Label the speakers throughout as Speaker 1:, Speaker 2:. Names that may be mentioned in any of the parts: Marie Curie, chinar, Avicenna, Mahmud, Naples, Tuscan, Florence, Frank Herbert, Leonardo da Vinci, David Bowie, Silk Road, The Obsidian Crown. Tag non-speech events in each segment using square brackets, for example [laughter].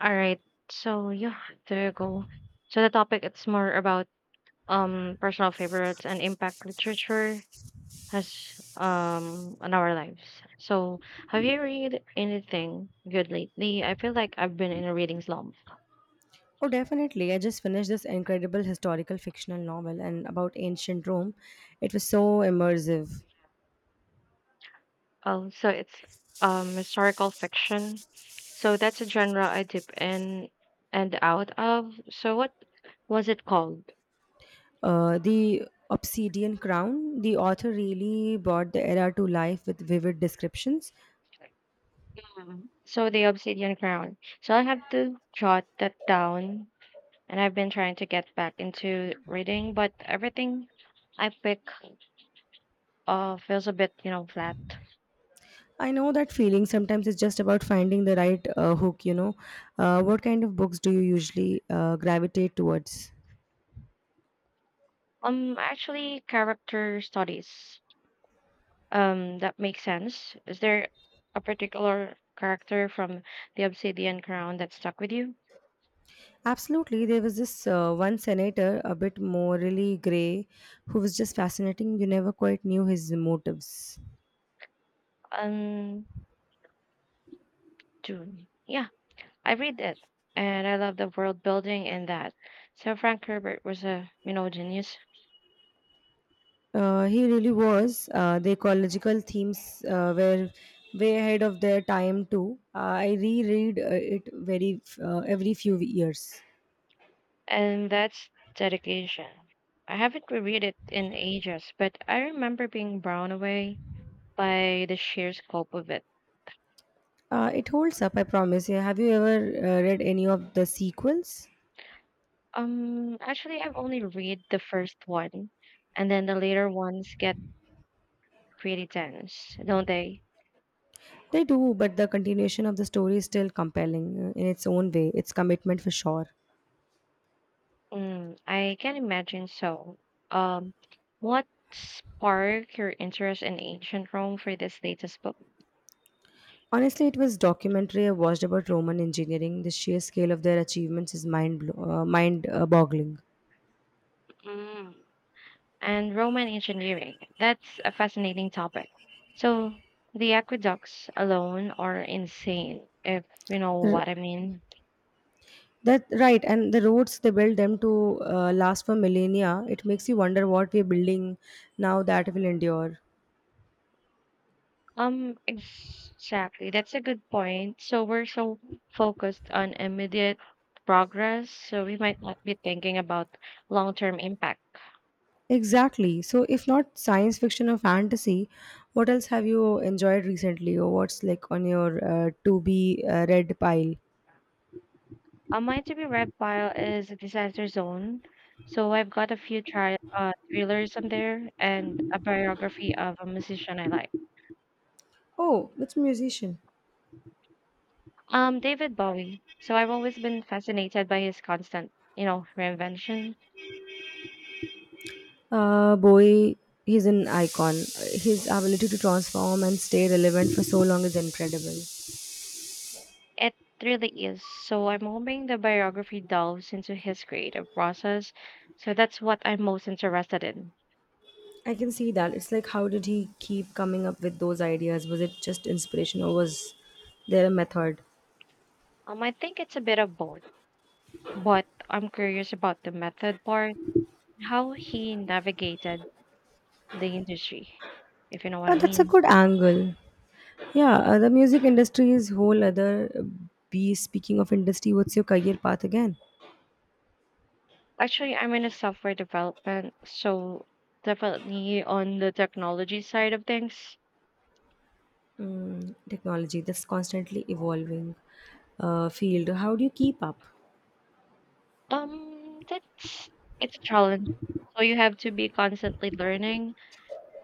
Speaker 1: All right. So yeah, there you go. So the topic it's more about personal favorites and impact literature has on our lives. So have you read anything good lately? I feel like I've been in a reading slump.
Speaker 2: Oh, definitely. I just finished this incredible historical fictional novel and about ancient Rome. It was so immersive.
Speaker 1: Oh, so it's historical fiction. So that's a genre I dip in and out of. So what was it called?
Speaker 2: The Obsidian Crown, the author really brought the era to life with vivid descriptions.
Speaker 1: Mhm. So the Obsidian Crown. So I have to jot that down. And I've been trying to get back into reading, but everything I pick feels a bit, flat.
Speaker 2: I know that feeling. Sometimes it's just about finding the right hook, What kind of books do you usually gravitate towards?
Speaker 1: Actually, character studies. That makes sense. Is there a particular character from the Obsidian Crown that stuck with you?
Speaker 2: Absolutely. There was this one senator, a bit morally gray, who was just fascinating. You never quite knew his motives.
Speaker 1: Um, Dune. Yeah, I read it, and I love the world building in that. So Frank Herbert was a, genius.
Speaker 2: He really was. The ecological themes were way ahead of their time too. I reread it very every few years.
Speaker 1: And that's dedication. I haven't reread it in ages, but I remember being blown away by the sheer scope of it.
Speaker 2: It holds up, I promise. Yeah, have you ever read any of the sequels?
Speaker 1: Actually, I've only read the first one, and then the later ones get pretty dense, don't they?
Speaker 2: They do, but the continuation of the story is still compelling in its own way. Its commitment for sure.
Speaker 1: Mm, I can imagine so. Um, what sparked your interest in ancient Rome for this latest book?
Speaker 2: Honestly, it was documentary I watched about Roman engineering. The sheer scale of their achievements is mind boggling.
Speaker 1: Mm. And Roman engineering. That's a fascinating topic. So the aqueducts alone are insane, if you know what I mean.
Speaker 2: That right, and the roads they built them to last for millennia. It makes you wonder what we're building now that will endure.
Speaker 1: Exactly. That's a good point. So we're so focused on immediate progress, so we might not be thinking about long-term impact.
Speaker 2: Exactly. So, if not science fiction or fantasy, what else have you enjoyed recently, or what's like on your to be read pile?
Speaker 1: Mine to be red pile is a disaster zone. So I've got a few thrillers on there and a biography of a musician I like.
Speaker 2: Oh, which musician?
Speaker 1: David Bowie. So I've always been fascinated by his constant, reinvention.
Speaker 2: Uh, boy, he's an icon. His ability to transform and stay relevant for so long is incredible.
Speaker 1: It really is. So I'm hoping the biography delves into his creative process. So that's what I'm most interested in.
Speaker 2: I can see that. It's like, how did he keep coming up with those ideas? Was it just inspiration or was there a method?
Speaker 1: I think it's a bit of both, but I'm curious about the method part, how he navigated the industry, if you know what
Speaker 2: Uh,
Speaker 1: I
Speaker 2: that's a
Speaker 1: mean.
Speaker 2: good angle. Yeah, the music industry is whole other beast. Speaking of industry, what's your career path again?
Speaker 1: Actually, I'm in a software development, so definitely on the technology side of things.
Speaker 2: Mm, technology that's constantly evolving field. How do you keep up?
Speaker 1: That's It's a challenge. So you have to be constantly learning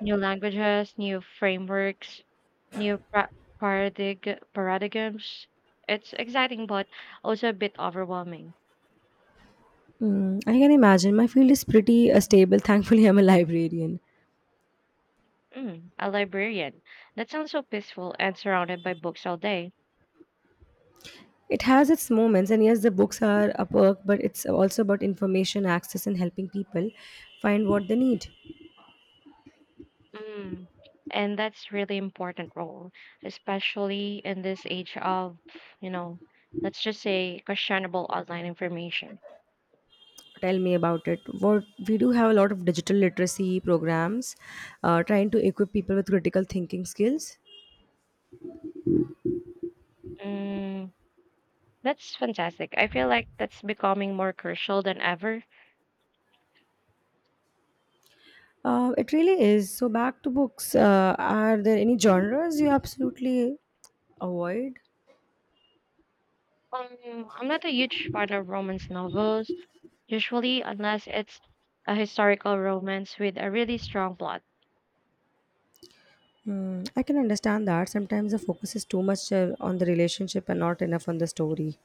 Speaker 1: new languages, new frameworks, new pra- paradigms. It's exciting, but also a bit overwhelming.
Speaker 2: Mm, I can imagine. My field is pretty stable. [laughs] Thankfully, I'm a librarian.
Speaker 1: Mm, a librarian. That sounds so peaceful and surrounded by books all day.
Speaker 2: It has its moments, and yes, the books are a perk, but it's also about information access and helping people find what they need.
Speaker 1: Mm. And that's really important role, especially in this age of, you know, let's just say questionable online information.
Speaker 2: Tell me about it. What we do have a lot of digital literacy programs, trying to equip people with critical thinking skills.
Speaker 1: Mm. That's fantastic. I feel like that's becoming more crucial than ever.
Speaker 2: It really is. So back to books. Are there any genres you absolutely avoid?
Speaker 1: I'm not a huge fan of romance novels, usually, unless it's a historical romance with a really strong plot.
Speaker 2: Hmm, I can understand that sometimes the focus is too much on the relationship and not enough on the story.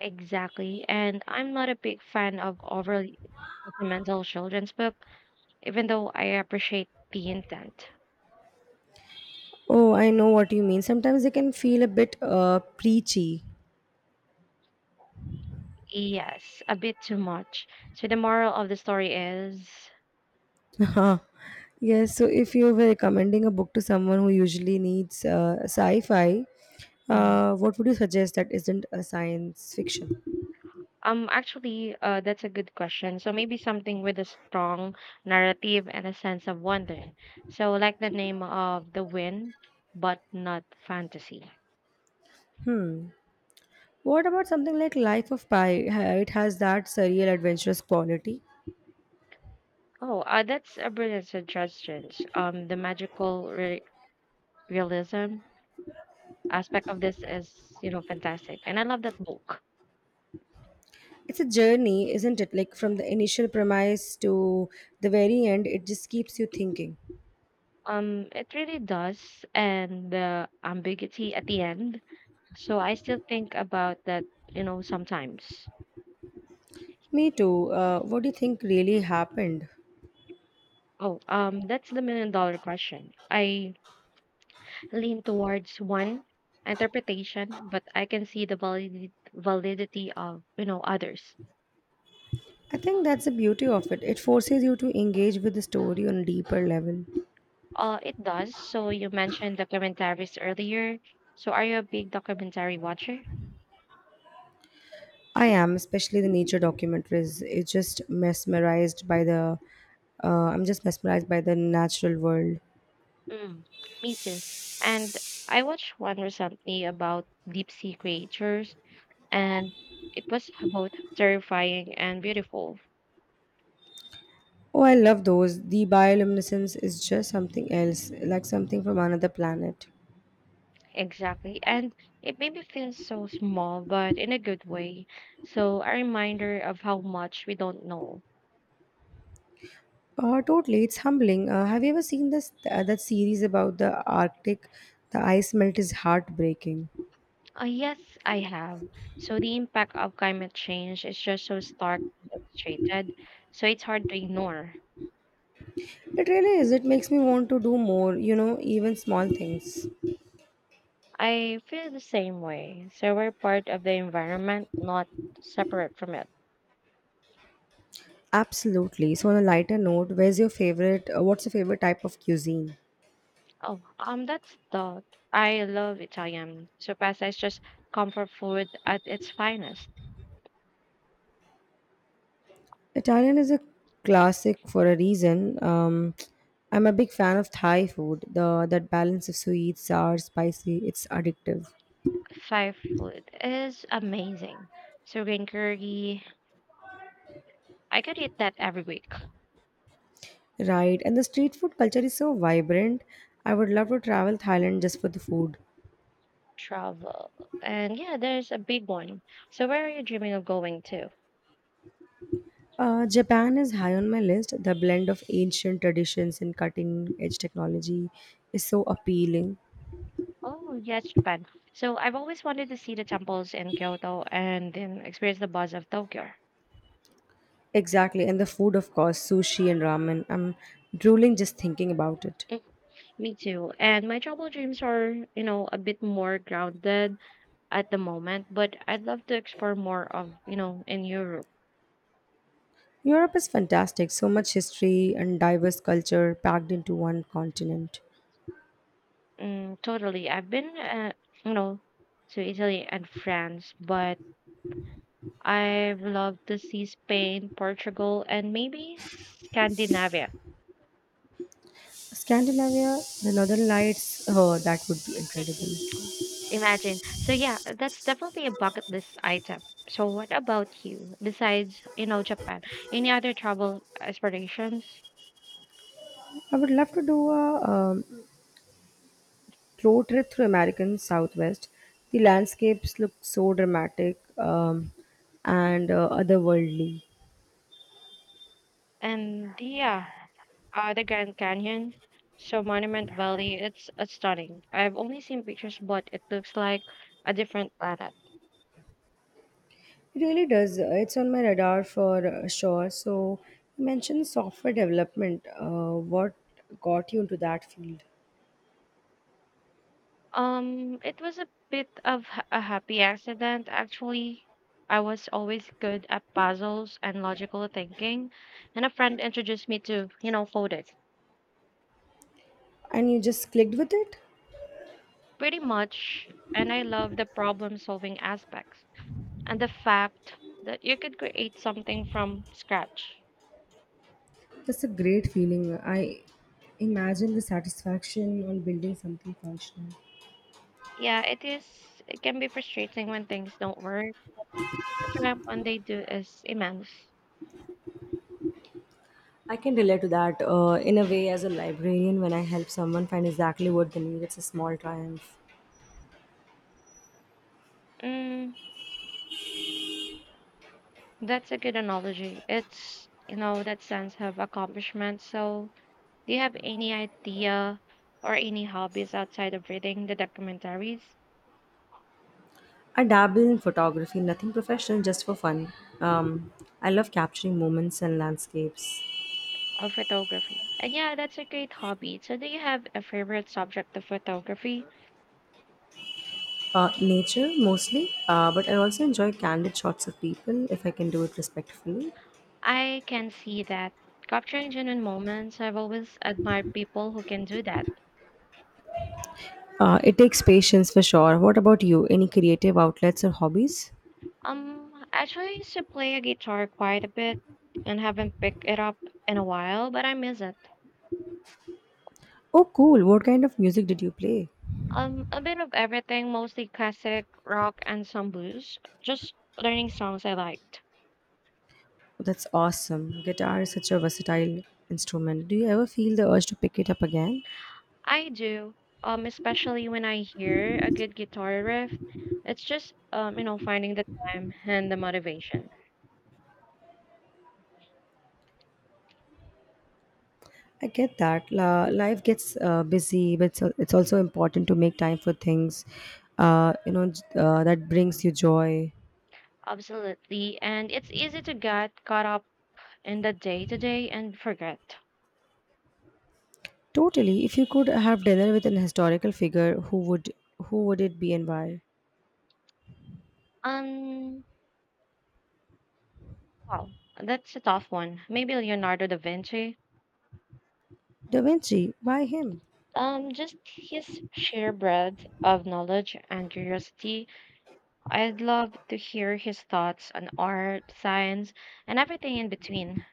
Speaker 1: Exactly. And I'm not a big fan of overly sentimental children's book, even though I appreciate the intent.
Speaker 2: Oh, I know what you mean. Sometimes they can feel a bit preachy.
Speaker 1: Yes, a bit too much. So the moral of the story is
Speaker 2: [laughs] Yes, so if you were recommending a book to someone who usually needs sci fi, what would you suggest that isn't a science fiction?
Speaker 1: That's a good question. So maybe something with a strong narrative and a sense of wonder. So like the name of the wind, but not fantasy.
Speaker 2: Hmm. What about something like Life of Pi? It has that surreal, adventurous quality.
Speaker 1: Oh, that's a brilliant suggestion. The magical realism aspect of this is, fantastic, and I love that book.
Speaker 2: It's a journey, isn't it? Like from the initial premise to the very end, it just keeps you thinking.
Speaker 1: It really does, and the ambiguity at the end. So I still think about that, sometimes.
Speaker 2: Me too. What do you think really happened?
Speaker 1: Oh, that's the million dollar question. I lean towards one interpretation, but I can see the validity of others.
Speaker 2: I think that's the beauty of it. It forces you to engage with the story on a deeper level.
Speaker 1: It does. So you mentioned documentaries earlier. So are you a big documentary watcher?
Speaker 2: I am, especially the nature documentaries. It's just mesmerized by the. I'm just mesmerized by the natural world.
Speaker 1: Mm, me too. And I watched one recently about deep sea creatures, and it was both terrifying and beautiful.
Speaker 2: Oh, I love those. The bioluminescence is just something else, like something from another planet.
Speaker 1: Exactly. And it made me feel so small, but in a good way. So a reminder of how much we don't know.
Speaker 2: Totally, it's humbling. Have you ever seen this that series about the Arctic? The ice melt is heartbreaking.
Speaker 1: Yes, I have. So the impact of climate change is just so starkly illustrated, so it's hard to ignore.
Speaker 2: It really is. It makes me want to do more. You know, even small things.
Speaker 1: I feel the same way. So we're part of the environment, not separate from it.
Speaker 2: Absolutely. So, on a lighter note, where's your favorite? What's your favorite type of cuisine?
Speaker 1: Oh, that's thought. I love Italian. So pasta is just comfort food at its finest.
Speaker 2: Italian is a classic for a reason. I'm a big fan of Thai food. The that balance of sweet, sour, spicy, it's addictive.
Speaker 1: Thai food is amazing. So green curry, I could eat that every week.
Speaker 2: Right, and the street food culture is so vibrant. I would love to travel Thailand just for the food.
Speaker 1: Travel, and yeah, there's a big one. So where are you dreaming of going to?
Speaker 2: Japan is high on my list. The blend of ancient traditions and cutting edge technology is so appealing.
Speaker 1: Oh, yes, Japan. So I've always wanted to see the temples in Kyoto and then experience the buzz of Tokyo.
Speaker 2: Exactly, and the food, of course, sushi and ramen. I'm drooling just thinking about it.
Speaker 1: Mm, me too. And my travel dreams are, a bit more grounded at the moment, but I'd love to explore more of, in Europe.
Speaker 2: Europe is fantastic, so much history and diverse culture packed into one continent.
Speaker 1: Mm, totally. I've been, you know, to Italy and France, but I've loved to see Spain, Portugal, and maybe Scandinavia.
Speaker 2: Scandinavia, the Northern Lights, oh, that would be incredible.
Speaker 1: Imagine. So yeah, that's definitely a bucket list item. So what about you? Besides, Japan, any other travel aspirations?
Speaker 2: I would love to do a road trip through American Southwest. The landscapes look so dramatic and otherworldly.
Speaker 1: And yeah, the Grand Canyon. So Monument Valley, it's stunning. I've only seen pictures, but it looks like a different planet.
Speaker 2: It really does. It's on my radar for sure. So, you mentioned software development. What got you into that field?
Speaker 1: It was a bit of a happy accident, actually. I was always good at puzzles and logical thinking, and a friend introduced me to, coding.
Speaker 2: And you just clicked with it?
Speaker 1: Pretty much. And I love the problem solving aspects and the fact that you could create something from scratch.
Speaker 2: That's a great feeling. I imagine the satisfaction on building something functional.
Speaker 1: Yeah, it is, it can be frustrating when things don't work. The triumph when they do is immense.
Speaker 2: I can relate to that in a way as a librarian when I help someone find exactly what they need. It's a small triumph.
Speaker 1: Mm, that's a good analogy. It's, that sense of accomplishment. So, do you have any idea or any hobbies outside of reading the documentaries?
Speaker 2: I dabble in photography, nothing professional, just for fun. Um, I love capturing moments and landscapes.
Speaker 1: Of photography. And yeah, that's a great hobby. So, do you have a favorite subject of photography?
Speaker 2: Nature mostly, but I also enjoy candid shots of people if I can do it respectfully.
Speaker 1: I can see that. Capturing genuine moments, I've always admired people who can do that.
Speaker 2: It takes patience for sure. What about you? Any creative outlets or hobbies?
Speaker 1: Actually I used to play a guitar quite a bit and haven't picked it up in a while, but I miss it.
Speaker 2: Oh, cool. What kind of music did you play?
Speaker 1: A bit of everything, mostly classic rock and some blues. Just learning songs I liked.
Speaker 2: Oh, that's awesome. Guitar is such a versatile instrument. Do you ever feel the urge to pick it up again?
Speaker 1: I do. Especially when I hear a good guitar riff. It's just finding the time and the motivation.
Speaker 2: I get that. Life gets busy, but it's also important to make time for things, you know, that brings you joy.
Speaker 1: Absolutely. And it's easy to get caught up in the day to day and forget?
Speaker 2: Totally. If you could have dinner with an historical figure, who would it be and why?
Speaker 1: Um, wow, that's a tough one. Maybe Leonardo da Vinci.
Speaker 2: Da Vinci. Why him?
Speaker 1: Just his sheer breadth of knowledge and curiosity. I'd love to hear his thoughts on art, science, and everything in between.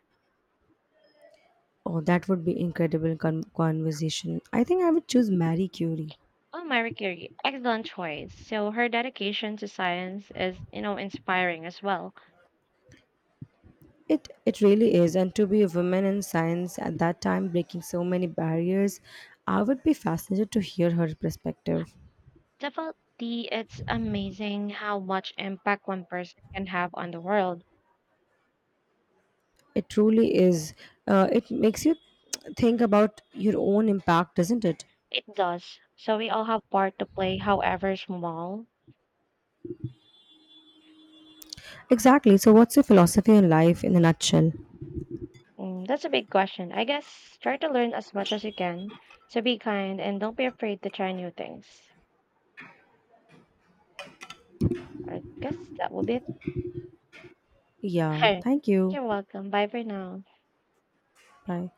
Speaker 2: Oh, that would be incredible conversation. I think I would choose Marie Curie.
Speaker 1: Oh, Marie Curie, excellent choice. So her dedication to science is, inspiring as well.
Speaker 2: It really is, and to be a woman in science at that time, breaking so many barriers, I would be fascinated to hear her perspective.
Speaker 1: Definitely, it's amazing how much impact one person can have on the world.
Speaker 2: It truly is. It makes you think about your own impact, doesn't it?
Speaker 1: It does. So we all have part to play, however small.
Speaker 2: Exactly. So, what's your philosophy on life in a nutshell?
Speaker 1: Mm, that's a big question. I guess try to learn as much as you can. So be kind and don't be afraid to try new things. I guess that will be it.
Speaker 2: Yeah. Thank
Speaker 1: [laughs]
Speaker 2: you.
Speaker 1: You're welcome. Bye for now.
Speaker 2: Bye.